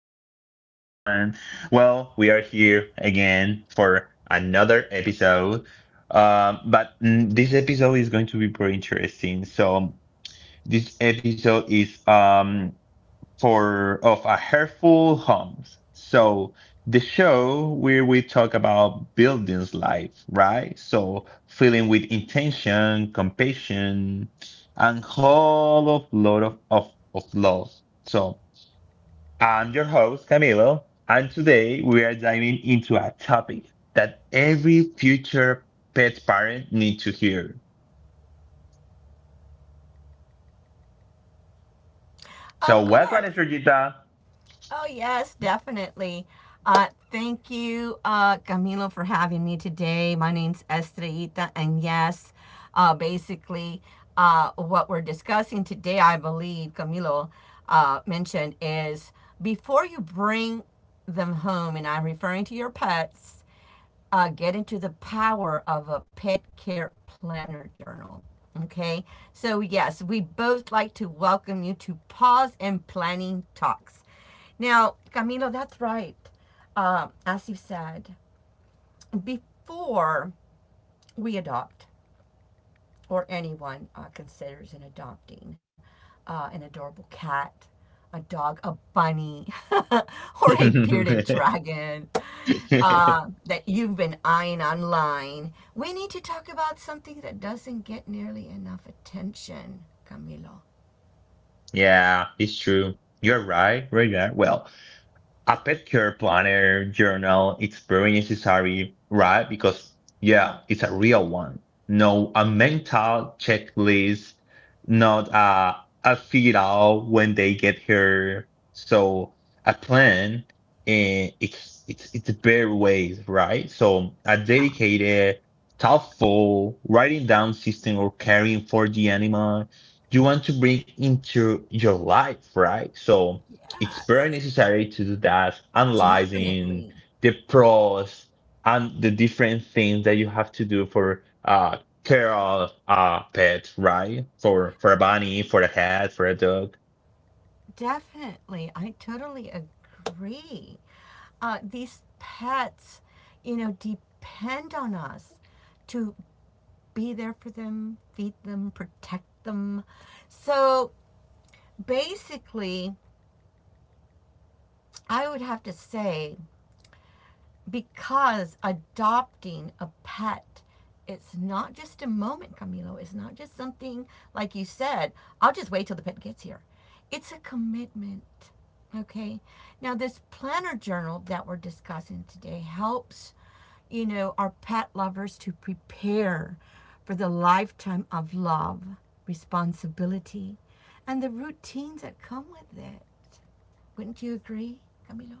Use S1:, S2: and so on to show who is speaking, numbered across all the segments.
S1: for everyone. Well, we are here again for another episode. This episode is going to be pretty interesting. So, this episode is for of a Heartful Homes. So the show where we talk about buildings life, right? So filling with intention, compassion, and whole of lot of love. So I'm your host, Camilo, and today we are diving into a topic that every future pet parent needs to hear.
S2: of
S1: So welcome,
S2: course.
S1: Georgita.
S2: Oh, yes, definitely. Thank you, Camilo, for having me today. My name's Estrellita, and yes, basically, what we're discussing today, I believe Camilo mentioned, is before you bring them home, and I'm referring to your pets, get into the power of a pet care planner journal. Okay, so yes, we both like to welcome you to Pause and Planning Talks. Now, Camilo, that's right. As you said, before we adopt, or anyone considers in adopting an adorable cat, a dog, a bunny, or a bearded dragon that you've been eyeing online, we need to talk about something that doesn't get nearly enough attention, Camilo.
S1: Yeah, it's true. You're right, right there. Well, a pet care Planner journal It's very necessary, right because yeah, it's a real one. No, a mental checklist, not a figure out when they get here. So a plan, and it's very ways right. So a
S2: Yeah,
S1: dedicated, thoughtful writing down system or caring for the animal you want to bring into your life, right? So it's very
S2: yes,
S1: necessary to do that, analyzing
S2: definitely.
S1: the pros and the different things that you have to do for care of a pet, right? For a bunny, for a cat, for a dog.
S2: Definitely. I totally agree. These pets, you know, depend on us to be there for them, feed them, protect them. So basically, I would have to say because adopting a pet it's not just a moment, Camilo. It's not just something like you said, I'll just wait till the pet gets here. It's a commitment. Okay. Now, this planner journal that we're discussing today helps you know, our pet lovers to prepare for the lifetime of love, responsibility, and the routines that come with it. Wouldn't you agree, Camilo?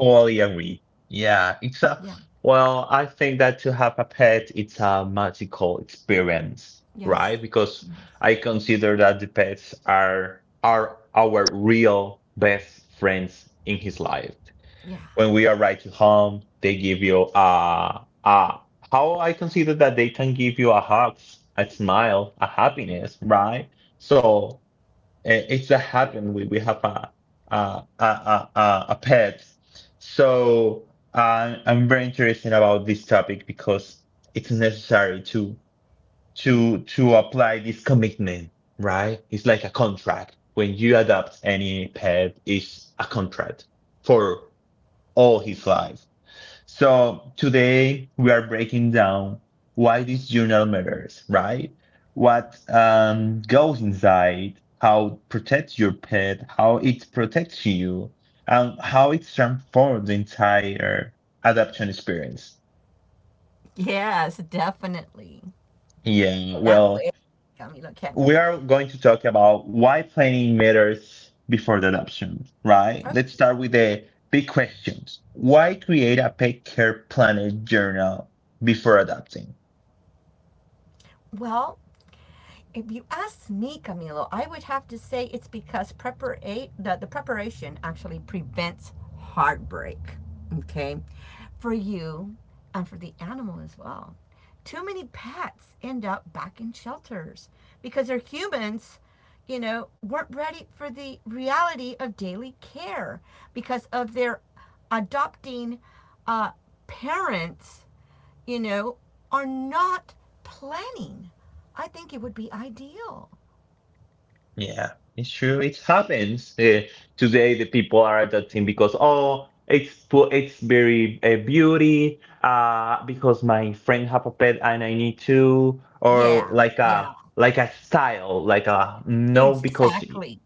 S1: Totally agree. Yeah, it's a
S2: Yeah.
S1: well, I think that to have a pet, it's a magical experience, right?
S2: Yes.
S1: Because
S2: Yes.
S1: I consider that the pets are our real best friends in his life.
S2: Yeah.
S1: When we arrive to home, they give you a how I consider that they can give you a hug, a smile, a happiness, right? So it's a happen. We have a pet. So I'm very interested about this topic because it's necessary to apply this commitment, right? It's like a contract. When you adopt any pet, it's a contract for all his life. So today we are breaking down why this journal matters, right? What goes inside, how it protects your pet, how it protects you, and how it transforms the entire adoption experience.
S2: Yes, definitely.
S1: Yeah,
S2: Can't
S1: well,
S2: wait, Camilo. Can't
S1: we
S2: wait.
S1: are going to talk about why planning matters before the adoption, right?
S2: Okay.
S1: Let's start with the big questions. Why create a pet care planner journal before adopting?
S2: Well, if you ask me, Camilo, I would have to say it's because the, preparation actually prevents heartbreak, okay, for you and for the animal as well. Too many pets end up back in shelters because their humans, you know, weren't ready for the reality of daily care because of their adopting uh, parents you know, are not planning. I think it would be ideal.
S1: Yeah, it's true. It happens. Today, the people are adapting because oh, it's very beauty. Because my friend have a pet and I need to, or
S2: Yeah,
S1: like
S2: yeah,
S1: a like a style, like a no because
S2: exactly.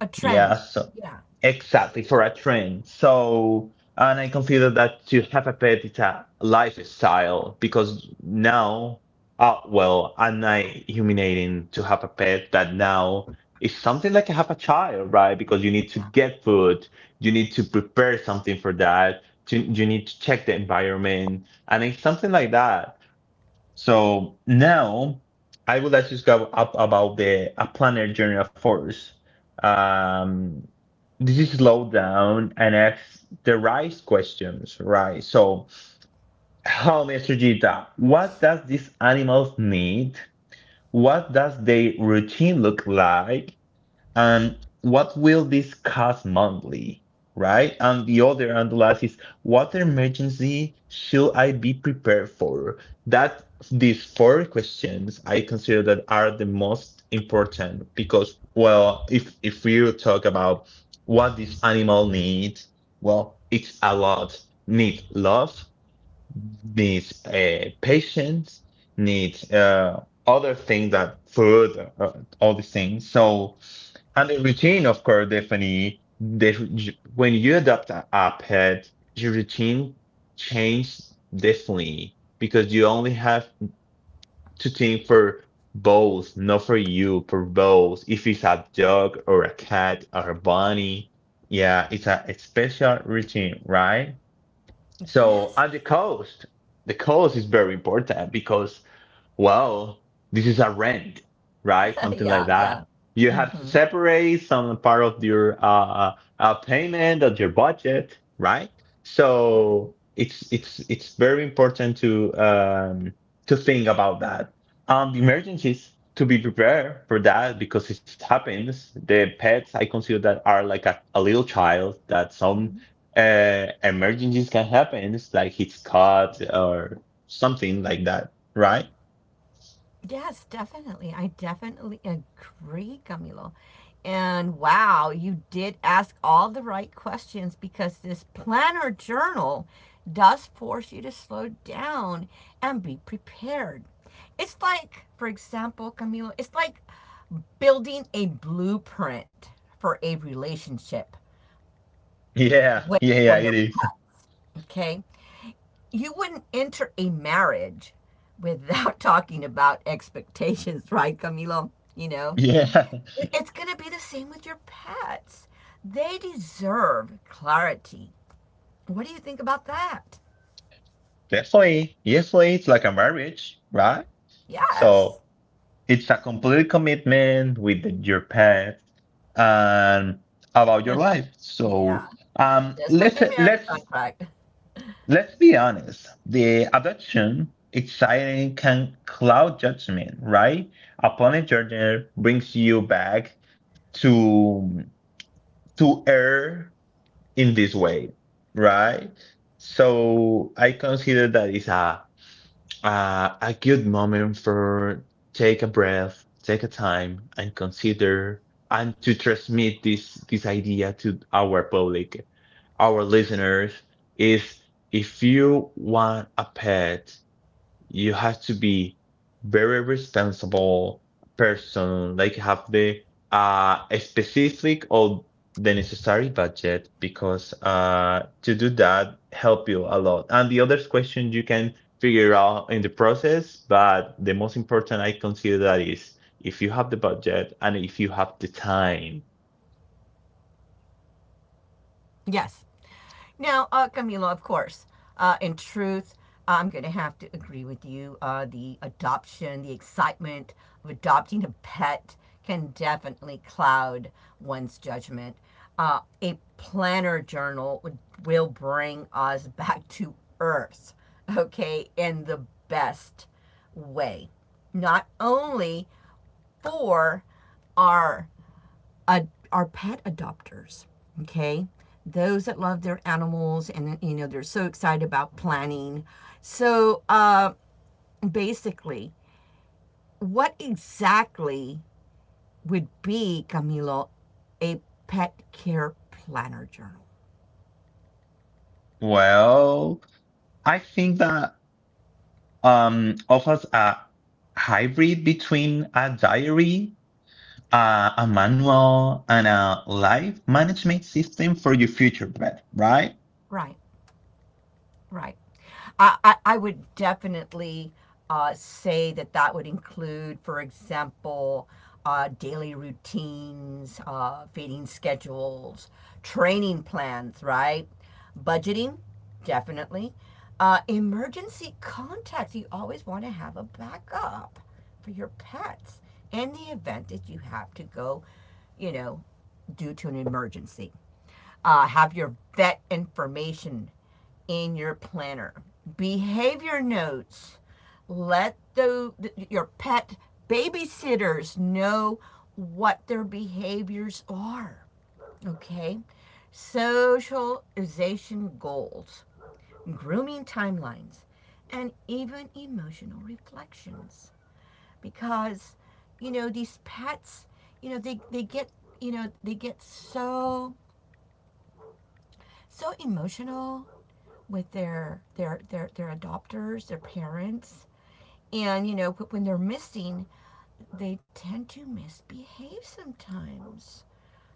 S2: A
S1: yeah.
S2: trend.
S1: So
S2: Yeah,
S1: exactly, for a trend. So, and I consider that to have a pet is a lifestyle because now, well, I'm not humiliating to have a pet that now is something like I have a child, right? Because you need to
S2: yeah.
S1: get food, you need to prepare something for that, to, you need to check the environment, and it's something like that. So now I would like to go up about the a planar journey of force. Um, this is slow down and ask the right questions, right? So, how, Mr. Gita, what does these animals need what does their routine look like? And what will this cost monthly? Right? And the last is what emergency should I be prepared for? That these four questions I consider that are the most important because well, if you talk about what this animal needs, well, it's a lot. Need love, needs patience, needs other things that food, all these things. So, and the routine, of course, definitely. The, when you adopt a pet, your routine changes definitely because you only have to think for both, not for you, for both. If it's a dog or a cat or a bunny, yeah, it's a special routine, right? So
S2: Yes.
S1: on the coast is very important because well, this is a rent, right? Something
S2: Yeah,
S1: like
S2: yeah.
S1: that. You have to
S2: Hmm.
S1: separate some part of your payment of your budget, right?
S2: Right.
S1: So it's very important to think about that. The emergencies to be prepared for that because it happens. The pets I consider that are like a little child that some emergencies can happen, like it's cut or something like that right?
S2: Yes, definitely. I definitely agree, Camilo. And wow, you did ask all the right questions because this planner journal does force you to slow down and be prepared. It's like, for example, Camilo, it's like building a blueprint for a relationship
S1: Yeah,
S2: way
S1: yeah,
S2: for
S1: yeah,
S2: your
S1: it
S2: pet,
S1: is.
S2: okay? You wouldn't enter a marriage without talking about expectations, right, Camilo? You know,
S1: Yeah,
S2: it's going to be the same with your pets. They deserve clarity. What do you think about that?
S1: definitely. Definitely, it's like a marriage, right?
S2: Yes.
S1: So it's a complete commitment with your pet and about your life.
S2: Yeah.
S1: So um,
S2: Just like
S1: let's
S2: a marriage
S1: let's
S2: contract.
S1: let's be honest. The adoption exciting can cloud judgment, right? Upon a journey brings you back to to air in this way, right? So I consider that it's a good moment for take a breath, take a time, and consider and to transmit this idea to our public, our listeners, is if you want a pet, you have to be very responsible person, like have the a specific or the necessary budget because to do that help you a lot. And the other question you can figure out in the process, but the most important I consider that is if you have the budget and if you have the time.
S2: Yes. Now, Camilo, of course, in truth, I'm going to have to agree with you. The adoption, the excitement of adopting a pet can definitely cloud one's judgment. A planner journal would, will bring us back to earth, okay, in the best way. Not only for our are pet adopters, okay? Those that love their animals and, you know, they're so excited about planning. So basically, what exactly would be, Camilo, a pet care planner journal?
S1: Well, I think that offers a hybrid between a diary, a manual, and a life management system for your future pet, right?
S2: Right. Right. I would definitely say that that would include, for example, daily routines, feeding schedules, training plans, right? Budgeting, definitely. Emergency contacts, you always want to have a backup for your pets in the event that you have to go, you know, due to an emergency have your vet information in your planner. Behavior notes. Let the, your pet babysitters know what their behaviors are. Okay? Socialization goals, grooming timelines, and even emotional reflections. Because, you know, these pets, you know, they get you know, they get so emotional with their adopters, their parents. And you know, when they're missing, they tend to misbehave sometimes.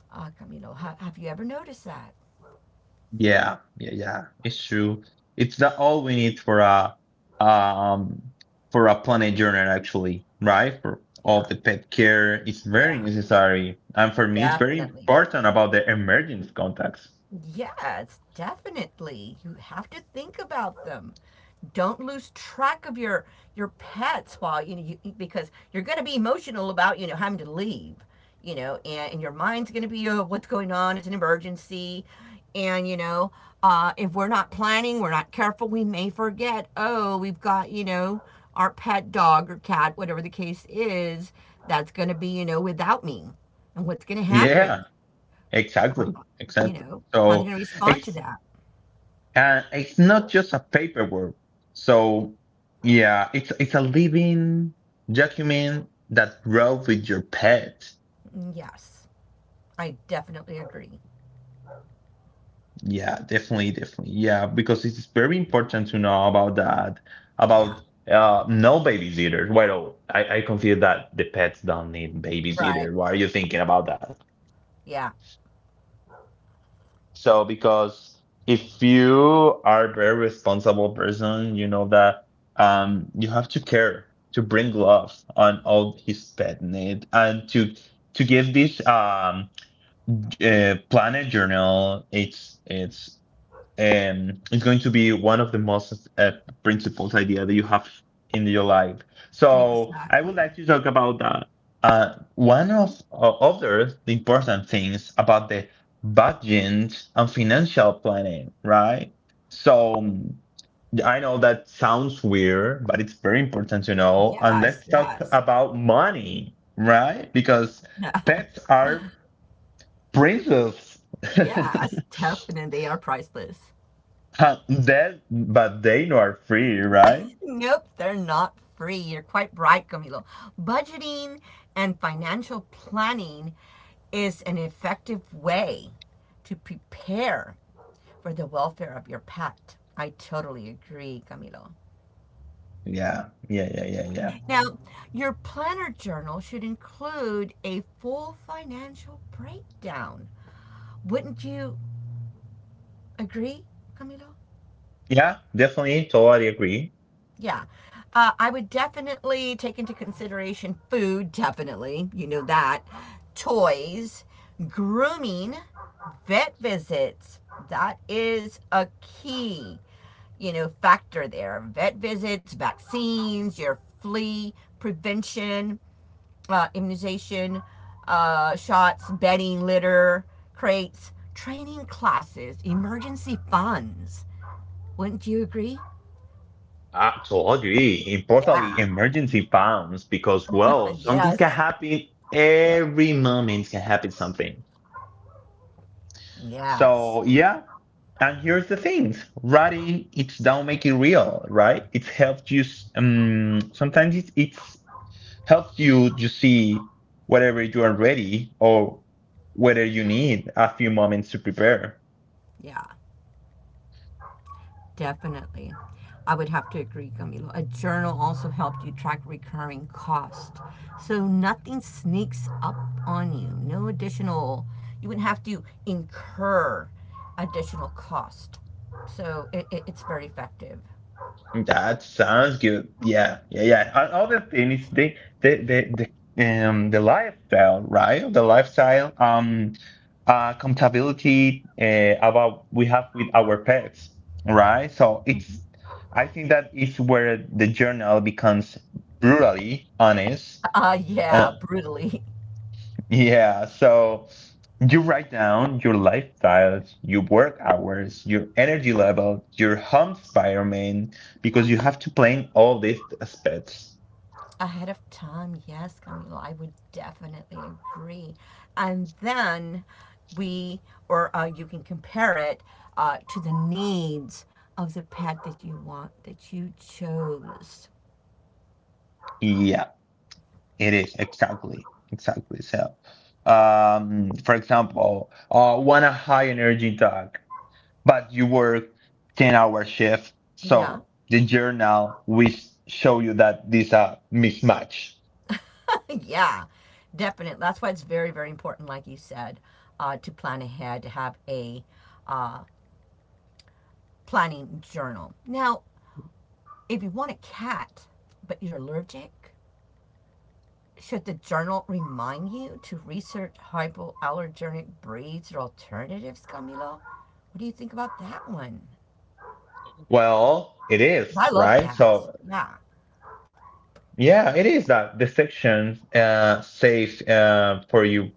S2: Camilo, have you ever noticed that?
S1: Yeah, yeah, yeah. It's true. It's that all we need um for a planet journal actually, right? For all
S2: Yeah,
S1: the pet care, it's very
S2: yeah,
S1: necessary. And for me, it's very
S2: definitely.
S1: important about the emergency contacts.
S2: Yes, definitely. You have to think about them. Don't lose track of your pets while you know you, because you're going to be emotional about you know having to leave you know and your mind's going to be, oh, what's going on, it's an emergency, and you know, if we're not planning, we're not careful, we may forget, oh, we've got you know our pet dog or cat, whatever the case is, that's going to be you know without me, and what's going to
S1: Yeah,
S2: happen,
S1: exactly,
S2: you
S1: exactly.
S2: know how they're
S1: So,
S2: going to respond to
S1: ex
S2: that.
S1: And it's not just a paperwork. So yeah, it's a living document that grows with your pet.
S2: Mm, yes, I definitely agree.
S1: Yeah, definitely, definitely. Yeah, because it's very important to know about that,
S2: Yeah.
S1: about no babysitters. Well, I consider that the pets don't need
S2: Right.
S1: babysitter. Why are you thinking about that?
S2: Yeah.
S1: So because if you are a very responsible person, you know that you have to care to bring love on all his pet need and to give this planet journal its is going to be one of the most principles idea that you have in your life. So I would
S2: Exactly.
S1: like to talk about that. One of other the important things about the budget and financial planning, right? So I know that sounds weird, but it's very important to know. And
S2: Yes,
S1: let's talk
S2: yes.
S1: about money, right? Because pets are princes.
S2: Yes, definitely. They are priceless.
S1: That, but they know are free, right?
S2: Nope, they're not free. You're quite right, Camilo. Budgeting and financial planning is an effective way to prepare for the welfare of your pet. I totally agree, Camilo.
S1: Yeah, yeah, yeah, yeah, yeah.
S2: Now, your planner journal should include a full financial breakdown. Wouldn't you agree, Camilo?
S1: Yeah, definitely, totally agree.
S2: Yeah. I would definitely take into consideration food, definitely. You know that. Toys, grooming, vet visits. That is a key, you know, factor there. Vet visits, vaccines, your flea prevention, immunization, shots, bedding, litter, crates, training classes, emergency funds. Wouldn't you agree?
S1: I totally agree. Importantly,
S2: Yeah.
S1: emergency funds, because well, something can
S2: Yes.
S1: happen
S2: Yep.
S1: every moment can happen something.
S2: Yes.
S1: So yeah, and here's the thing: writing it's down make it real, right? It helps you. Sometimes it's helps you to see whether you are ready or whether you need a few moments to prepare.
S2: Yeah, definitely. I would have to agree, Camilo. A journal also helped you track recurring cost. So nothing sneaks up on you. No additional, you wouldn't have to incur additional cost. So it's very effective.
S1: That sounds good. Yeah, yeah, yeah. And other thing is the the the lifestyle, right? The lifestyle, compatibility, about we have with our pets, right? So it's, I think that is where the journal becomes brutally honest.
S2: Yeah,
S1: Uh,
S2: brutally.
S1: yeah. So. You write down your lifestyles, your work hours, your energy level, your home environment, because you have to plan all these aspects.
S2: Ahead of time, yes, Camilo, I would definitely agree. And then we, or you can compare it to the needs of the pet that you want, that you chose.
S1: Yeah, it is exactly, exactly. So, for example, want a high energy dog, but you work 10-hour shift.
S2: Yeah,
S1: So the journal will show you that this a mismatch.
S2: yeah, definitely. That's why it's very, very important, like you said, to plan ahead, to have a uh, planning journal. Now, if you want a cat, but you're allergic, should the journal remind you to research hypoallergenic breeds or alternatives, Camilo? What do you think about that one?
S1: Well, it is,
S2: I love
S1: right?
S2: cats.
S1: So
S2: Yeah.
S1: yeah, it is that the section says for you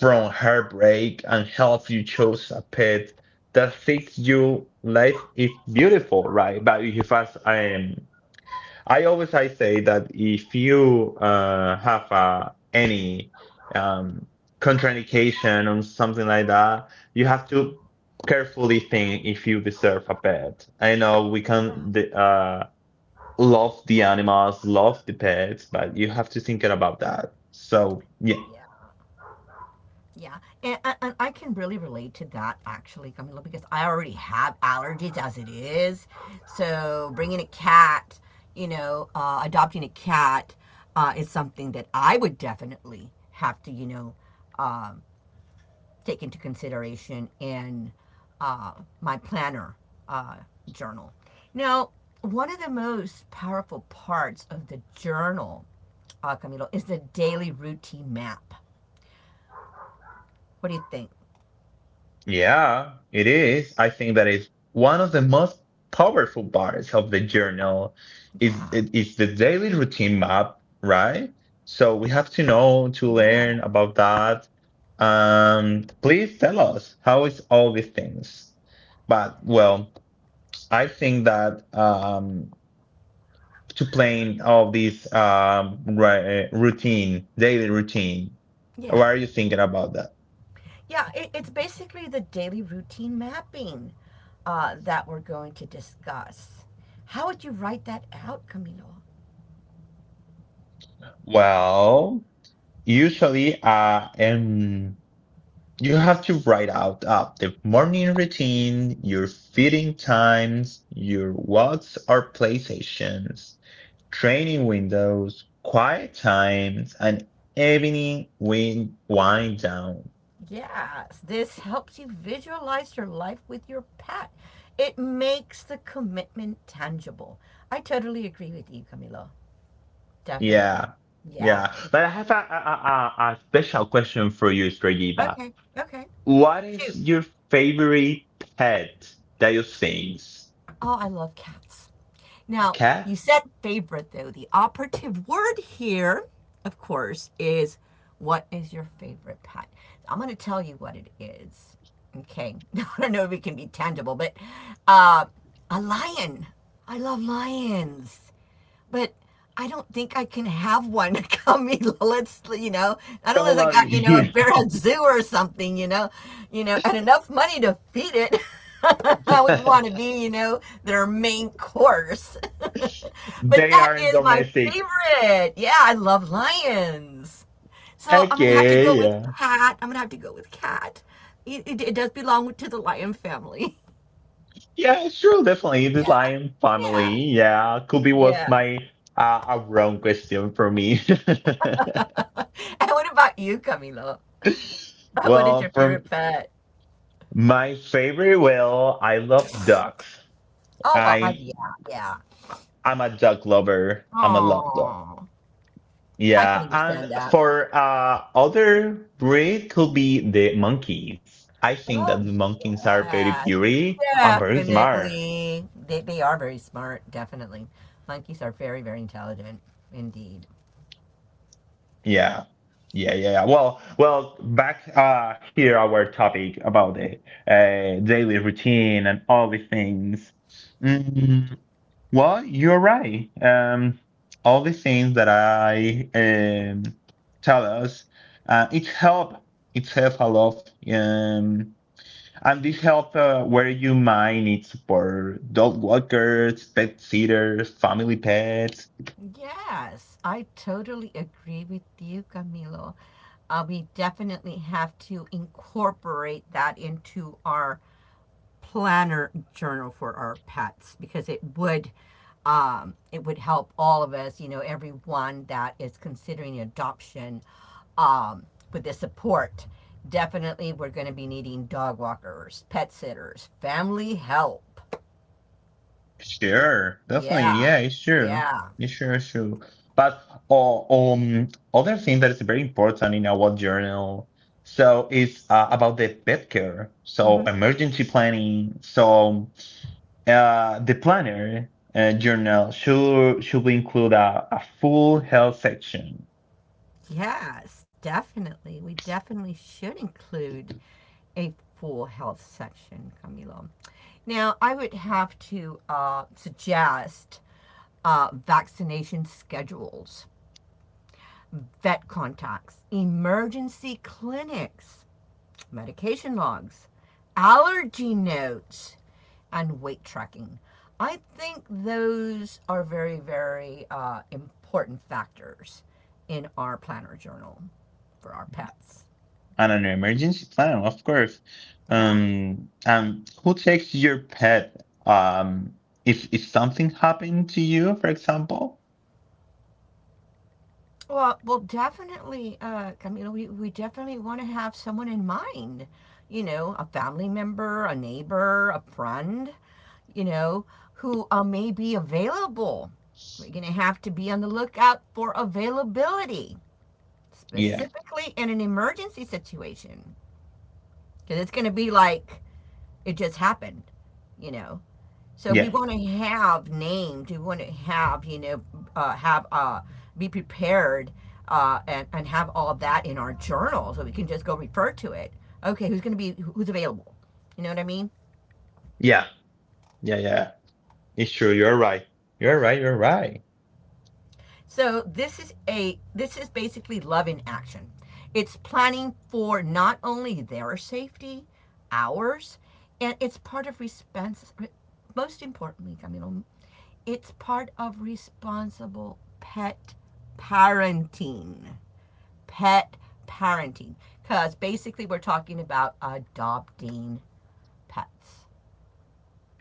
S1: from heartbreak and helps you choose a pet that fits you. Life is beautiful, right? But if as I always I say that if you have any um, contraindication or something like that, you have to carefully think if you deserve a pet. I know we
S2: Yeah.
S1: can. The, love the animals, love the pets, but you have to think about that. So yeah,
S2: Yeah. Yeah. And I can really relate to that actually, Camilo, because I already have allergies as it is. So bringing a cat, you know, adopting a cat is something that I would definitely have to, you know, uh, take into consideration in uh, my planner uh, journal. Now, one of the most powerful parts of the journal, Camilo, is the daily routine map. What do you think?
S1: yeah, it is. I think that is one of the most powerful parts of the journal is
S2: Yeah,
S1: it is the daily routine map, right? So we have to know to
S2: yeah,
S1: learn about that. Please tell us how is all these things. But well, I think that to playing all these routine, daily routine? What
S2: yeah.
S1: are you thinking about that?
S2: Yeah, it's basically the daily routine mapping that we're going to discuss. How would you write that out, Camilo?
S1: Well, usually, you have to write out up the morning routine, your feeding times, your walks or play sessions, training windows, quiet times, and evening wind down.
S2: Yes, this helps you visualize your life with your pet. It makes the commitment tangible. I totally agree with you, Camilo. Definitely.
S1: Yeah,
S2: Yeah.
S1: yeah. But I have a special question for you, Stregida.
S2: Okay. Okay.
S1: What is
S2: Shoot.
S1: your favorite pet that you think?
S2: Oh, I love cats. Now,
S1: Cat?
S2: you said favorite, though. The operative word here, of course, is what is your favorite pet? I'm going to tell you what it is. Okay. I don't know if it can be tangible, but uh, a lion. I love lions but I don't think I can have one come. Let's, you know, not unless I
S1: Totally.
S2: got, you know, a bear at zoo or something, you know, and enough money to feed it. I wouldn't want to be, you know, their main course. But
S1: They
S2: that
S1: are
S2: is my
S1: domestic.
S2: favorite. Yeah, I love lions. So I'm gonna have to go
S1: Okay,
S2: with
S1: yeah.
S2: cat. I'm gonna have to go with cat. It does belong to the lion family.
S1: Yeah, sure, definitely. The
S2: Yeah,
S1: lion family.
S2: yeah,
S1: Yeah, could be was
S2: yeah.
S1: my a wrong question for me.
S2: And what about you, Camilo? What is your
S1: Well,
S2: favorite
S1: from
S2: pet?
S1: my favorite, well, I love dogs.
S2: Oh, well,
S1: I'm
S2: yeah, yeah.
S1: I'm a dog lover. I'm a love
S2: Oh, I can
S1: Yeah, and
S2: understand that.
S1: for other breed could be the monkeys. I think that the
S2: Oh,
S1: monkeys are very
S2: yes,
S1: pretty and very smart.
S2: definitely. They are very smart, definitely. Monkeys are very, very intelligent, indeed.
S1: Yeah. Yeah, yeah, yeah. Well, back here our topic about the daily routine and all the things. Mm, well, you're right. All the things that I tell us uh it help it help a lot. And this help, where you might need support. Dog walkers, pet sitters, family pets.
S2: Yes, I totally agree with you, Camilo. We definitely have to incorporate that into our planner journal for our pets because it would help all of us, you know, everyone that is considering adoption um, with the support. Definitely, we're going to be needing dog walkers, pet sitters, family help.
S1: Sure, definitely.
S2: Yeah,
S1: Yeah, it's true.
S2: yeah.
S1: It's sure, it's true. But uh, um, other thing that is very important in our journal, so it's, about the pet care. So
S2: Mm-hmm.
S1: emergency planning. So the planner journal should include a, full health section.
S2: Yes, definitely. We definitely should include a full health section, Camilo. Now, I would have to suggest vaccination schedules, vet contacts, emergency clinics, medication logs, allergy notes, and weight tracking. I think those are very, very important factors in our planner journal for our pets.
S1: And an emergency plan, of course.
S2: Yeah.
S1: And who takes your pet? If something happened to you, for example.
S2: Well, well, definitely, Camila, we definitely want to have someone in mind, you know, a family member, a neighbor, a friend, you know, who may be available. We're going to have to be on the lookout for availability,
S1: Yeah,
S2: specifically in an emergency situation because it's going to be like it just happened, you know. So
S1: yeah,
S2: we want to have named. We want to have you know have be prepared and have all that in our journal so we can just go refer to it. Okay, who's going to be who's available? You know what I mean?
S1: yeah, yeah, yeah. It's true. You're right. You're right. You're right.
S2: So this is a this is basically love in action. It's planning for not only their safety, ours, and it's part of response. Most importantly, Camilo, it's part of responsible pet parenting. Pet parenting, because basically we're talking about adopting pets.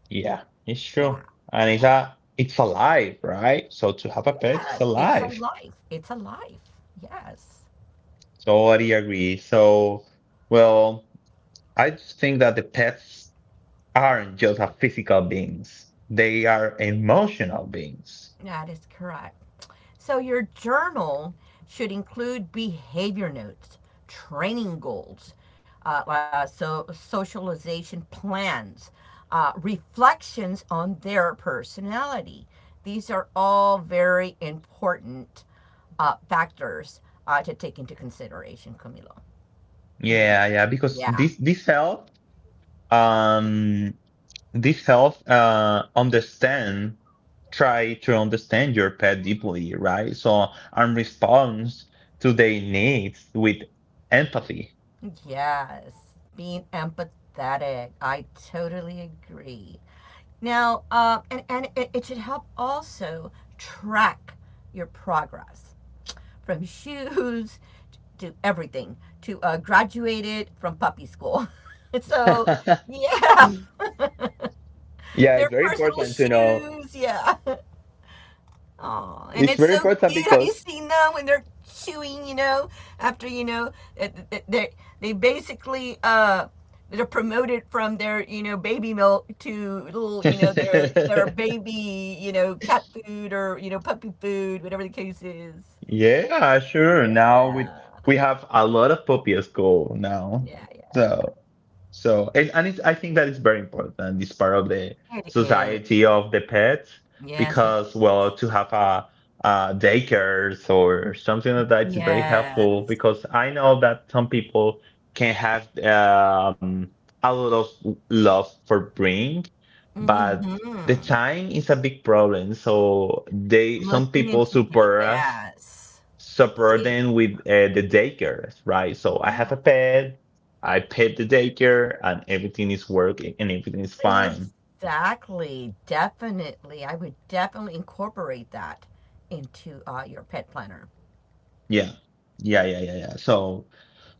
S1: Yeah, it's true.
S2: Yeah,
S1: And it's
S2: yeah,
S1: a it's alive, right? So to have a pet is
S2: yes. It's a
S1: alive.
S2: life. It's a life. Yes.
S1: Totally agree. So, well. I just think that the pets aren't just a physical beings. They are emotional beings.
S2: That is correct. So your journal should include behavior notes, training goals, socialization plans, reflections on their personality. These are all very important factors to take into consideration, Camilo.
S1: Yeah,
S2: Indeed.
S1: yeah, because
S2: Yeah.
S1: this help um this help understand, try to understand your pet deeply, right? So and responds to their needs with empathy.
S2: Yes, being empathetic. I totally agree. Now, and it should help also track your progress from shoes to everything to graduated from puppy school. So,
S1: Yeah,
S2: yeah, their
S1: it's very
S2: personal
S1: important to know.
S2: shoes. Yeah. Oh, and
S1: It's
S2: it's
S1: very
S2: so
S1: important
S2: cute. Have
S1: because
S2: you seen them when they're chewing, you know, after, you know, they they basically they're promoted from their, you know, baby milk to little, you know, their baby, you know, cat food or, you know, puppy food, whatever the case is.
S1: yeah, sure. Now we
S2: Yeah.
S1: we have a lot of puppy at school now.
S2: Yeah, yeah,
S1: So so and it's, I think that is very important. It's part of the
S2: yeah. It is.
S1: society of the pets
S2: Yes, it
S1: because
S2: is.
S1: well to have a daycares or something like that is very helpful
S2: Yes.
S1: because I know that some people can have a lot of love for bring, but the
S2: Mm-hmm.
S1: time is a big problem. So they some
S2: Looking
S1: people
S2: into day,
S1: support us
S2: yes. Day,
S1: subburden with the daycare, right? So I have a
S2: yes.
S1: pet, I pet the daycare, and everything is working and everything is fine.
S2: Exactly. Definitely. I would definitely incorporate that into your pet planner.
S1: Yeah. Yeah, yeah, yeah, yeah. So,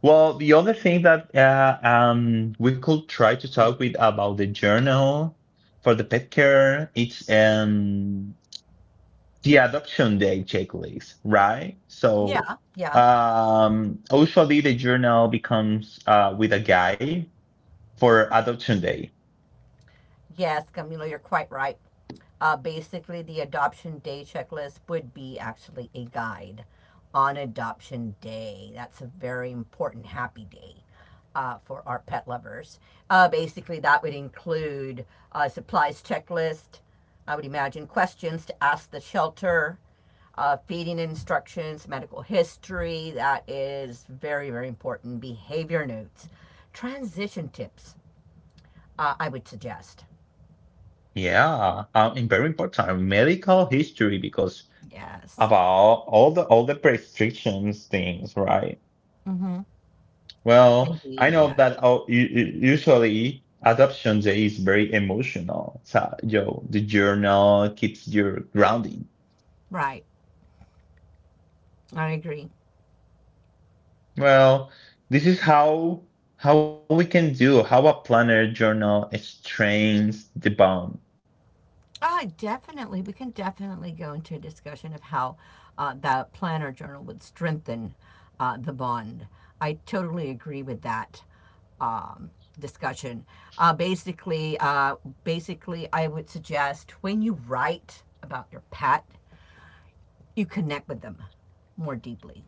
S1: well, the other thing that we could try to talk with about the journal for the pet care, it's the adoption day checklist, right? So,
S2: Yeah. Yeah.
S1: usually the journal becomes with a guide for adoption day.
S2: Yes, Camilo, you're quite right. Basically, the adoption day checklist would be actually a guide on adoption day. That's a very important happy day for our pet lovers. Basically, that would include supplies checklist. I would imagine questions to ask the shelter, feeding instructions, medical history. That is very, very important. Behavior notes, transition tips. I would suggest.
S1: Yeah, and very important medical history because
S2: Yes.
S1: about all the prescriptions things, right?
S2: Mm-hmm.
S1: Well, I
S2: Indeed,
S1: know
S2: yeah.
S1: that usually adoption day is very emotional. So, yo, the journal keeps your grounding.
S2: Right. I agree.
S1: Well, this is how we can do how a planner journal strains the bond.
S2: I definitely, we can definitely go into a discussion of how the planner journal would strengthen the bond. I totally agree with that um, discussion. Uh, basically, uh, basically, I would suggest when you write about your pet, you connect with them more deeply.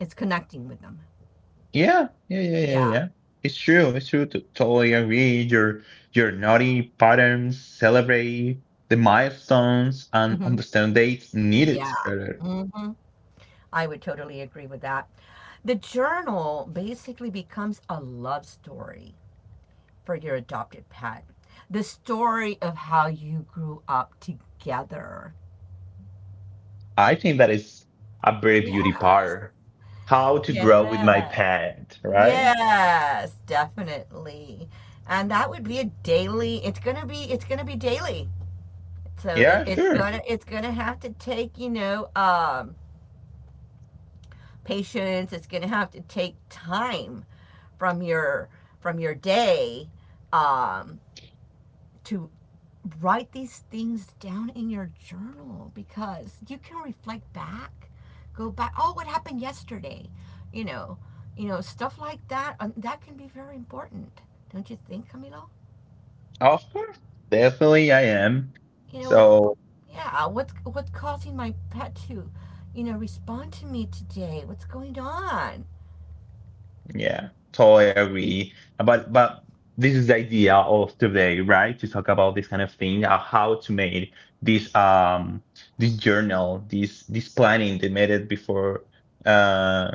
S2: It's connecting with them.
S1: Yeah, yeah, yeah, yeah,
S2: Yeah.
S1: yeah. It's true. It's true. To totally agree. Your naughty patterns celebrate the milestones and
S2: Hmm.
S1: understand dates needed
S2: Yeah.
S1: better.
S2: Mm-hmm. I would totally agree with that. The journal basically becomes a love story for your adopted pet. The story of how you grew up together.
S1: I think that is a very beauty
S2: Yes.
S1: part. How to grow with my
S2: Yes.
S1: pet, right?
S2: Yes, definitely. And that would be a daily, it's gonna be daily. So
S1: Yeah, sure.
S2: it's gonna have to take, you know, patience, it's gonna have to take time from your from your day um to write these things down in your journal because you can reflect back, go back. Oh, what happened yesterday? You know, you know stuff like that. That can be very important, don't you think, Camilo?
S1: Of course. Definitely I am.
S2: You know what?
S1: So
S2: Yeah, what's causing my pet to, you know, respond to me today? What's going on?
S1: yeah, totally agree. But this is the idea of today, right? To talk about this kind of thing, how to make this um this journal, this planning they made it before, uh,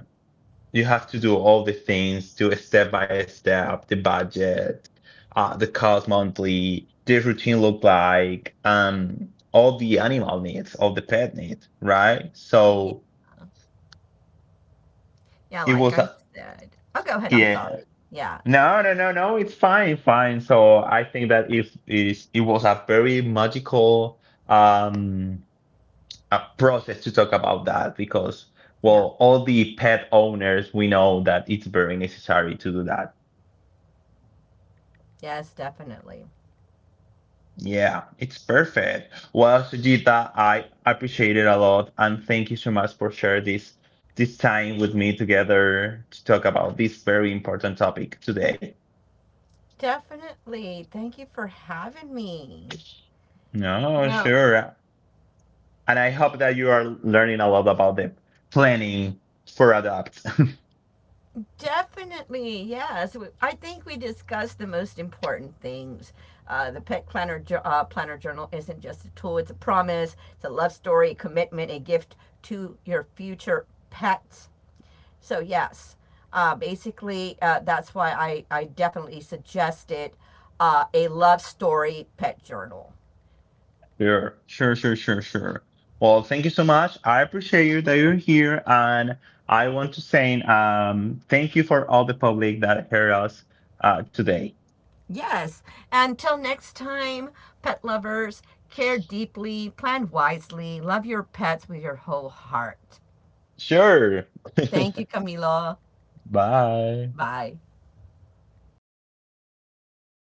S1: you have to do all the things, do a step by step, the budget, the cost monthly, the routine look like, all the animal needs, all the pet needs, right?
S2: Yeah,
S1: So
S2: yeah,
S1: it
S2: like
S1: was
S2: I
S1: a,
S2: said. Oh, go ahead. I'm
S1: yeah.
S2: sorry. Yeah,
S1: No, no, no, no, it's fine, fine. So I think that if is it was a very magical um a process to talk about that because
S2: yeah,
S1: well all the pet owners we know that it's very necessary to do that.
S2: yes, definitely,
S1: Yeah, it's perfect. Well, Sujita, I appreciate it a lot, and thank you so much for sharing this this time with me together to talk about this very important topic today.
S2: definitely. Thank you for having me.
S1: No,
S2: No,
S1: sure. And I hope that you are learning a lot about the planning for adapt.
S2: definitely, yes. We- I think we discussed the most important things. The Pet Planner Journal isn't just a tool; it's a promise, it's a love story, a commitment, a gift to your future pets. So yes, basically that's why I definitely suggested a love story pet journal.
S1: Sure, sure, sure, sure, sure. Well, thank you so much. I appreciate you that you're here, and I want to say, thank you for all the public that heard us today.
S2: Yes. Until next time, pet lovers, care deeply, plan wisely, love your pets with your whole heart.
S1: Sure.
S2: Thank you, Camilo.
S1: Bye.
S2: Bye.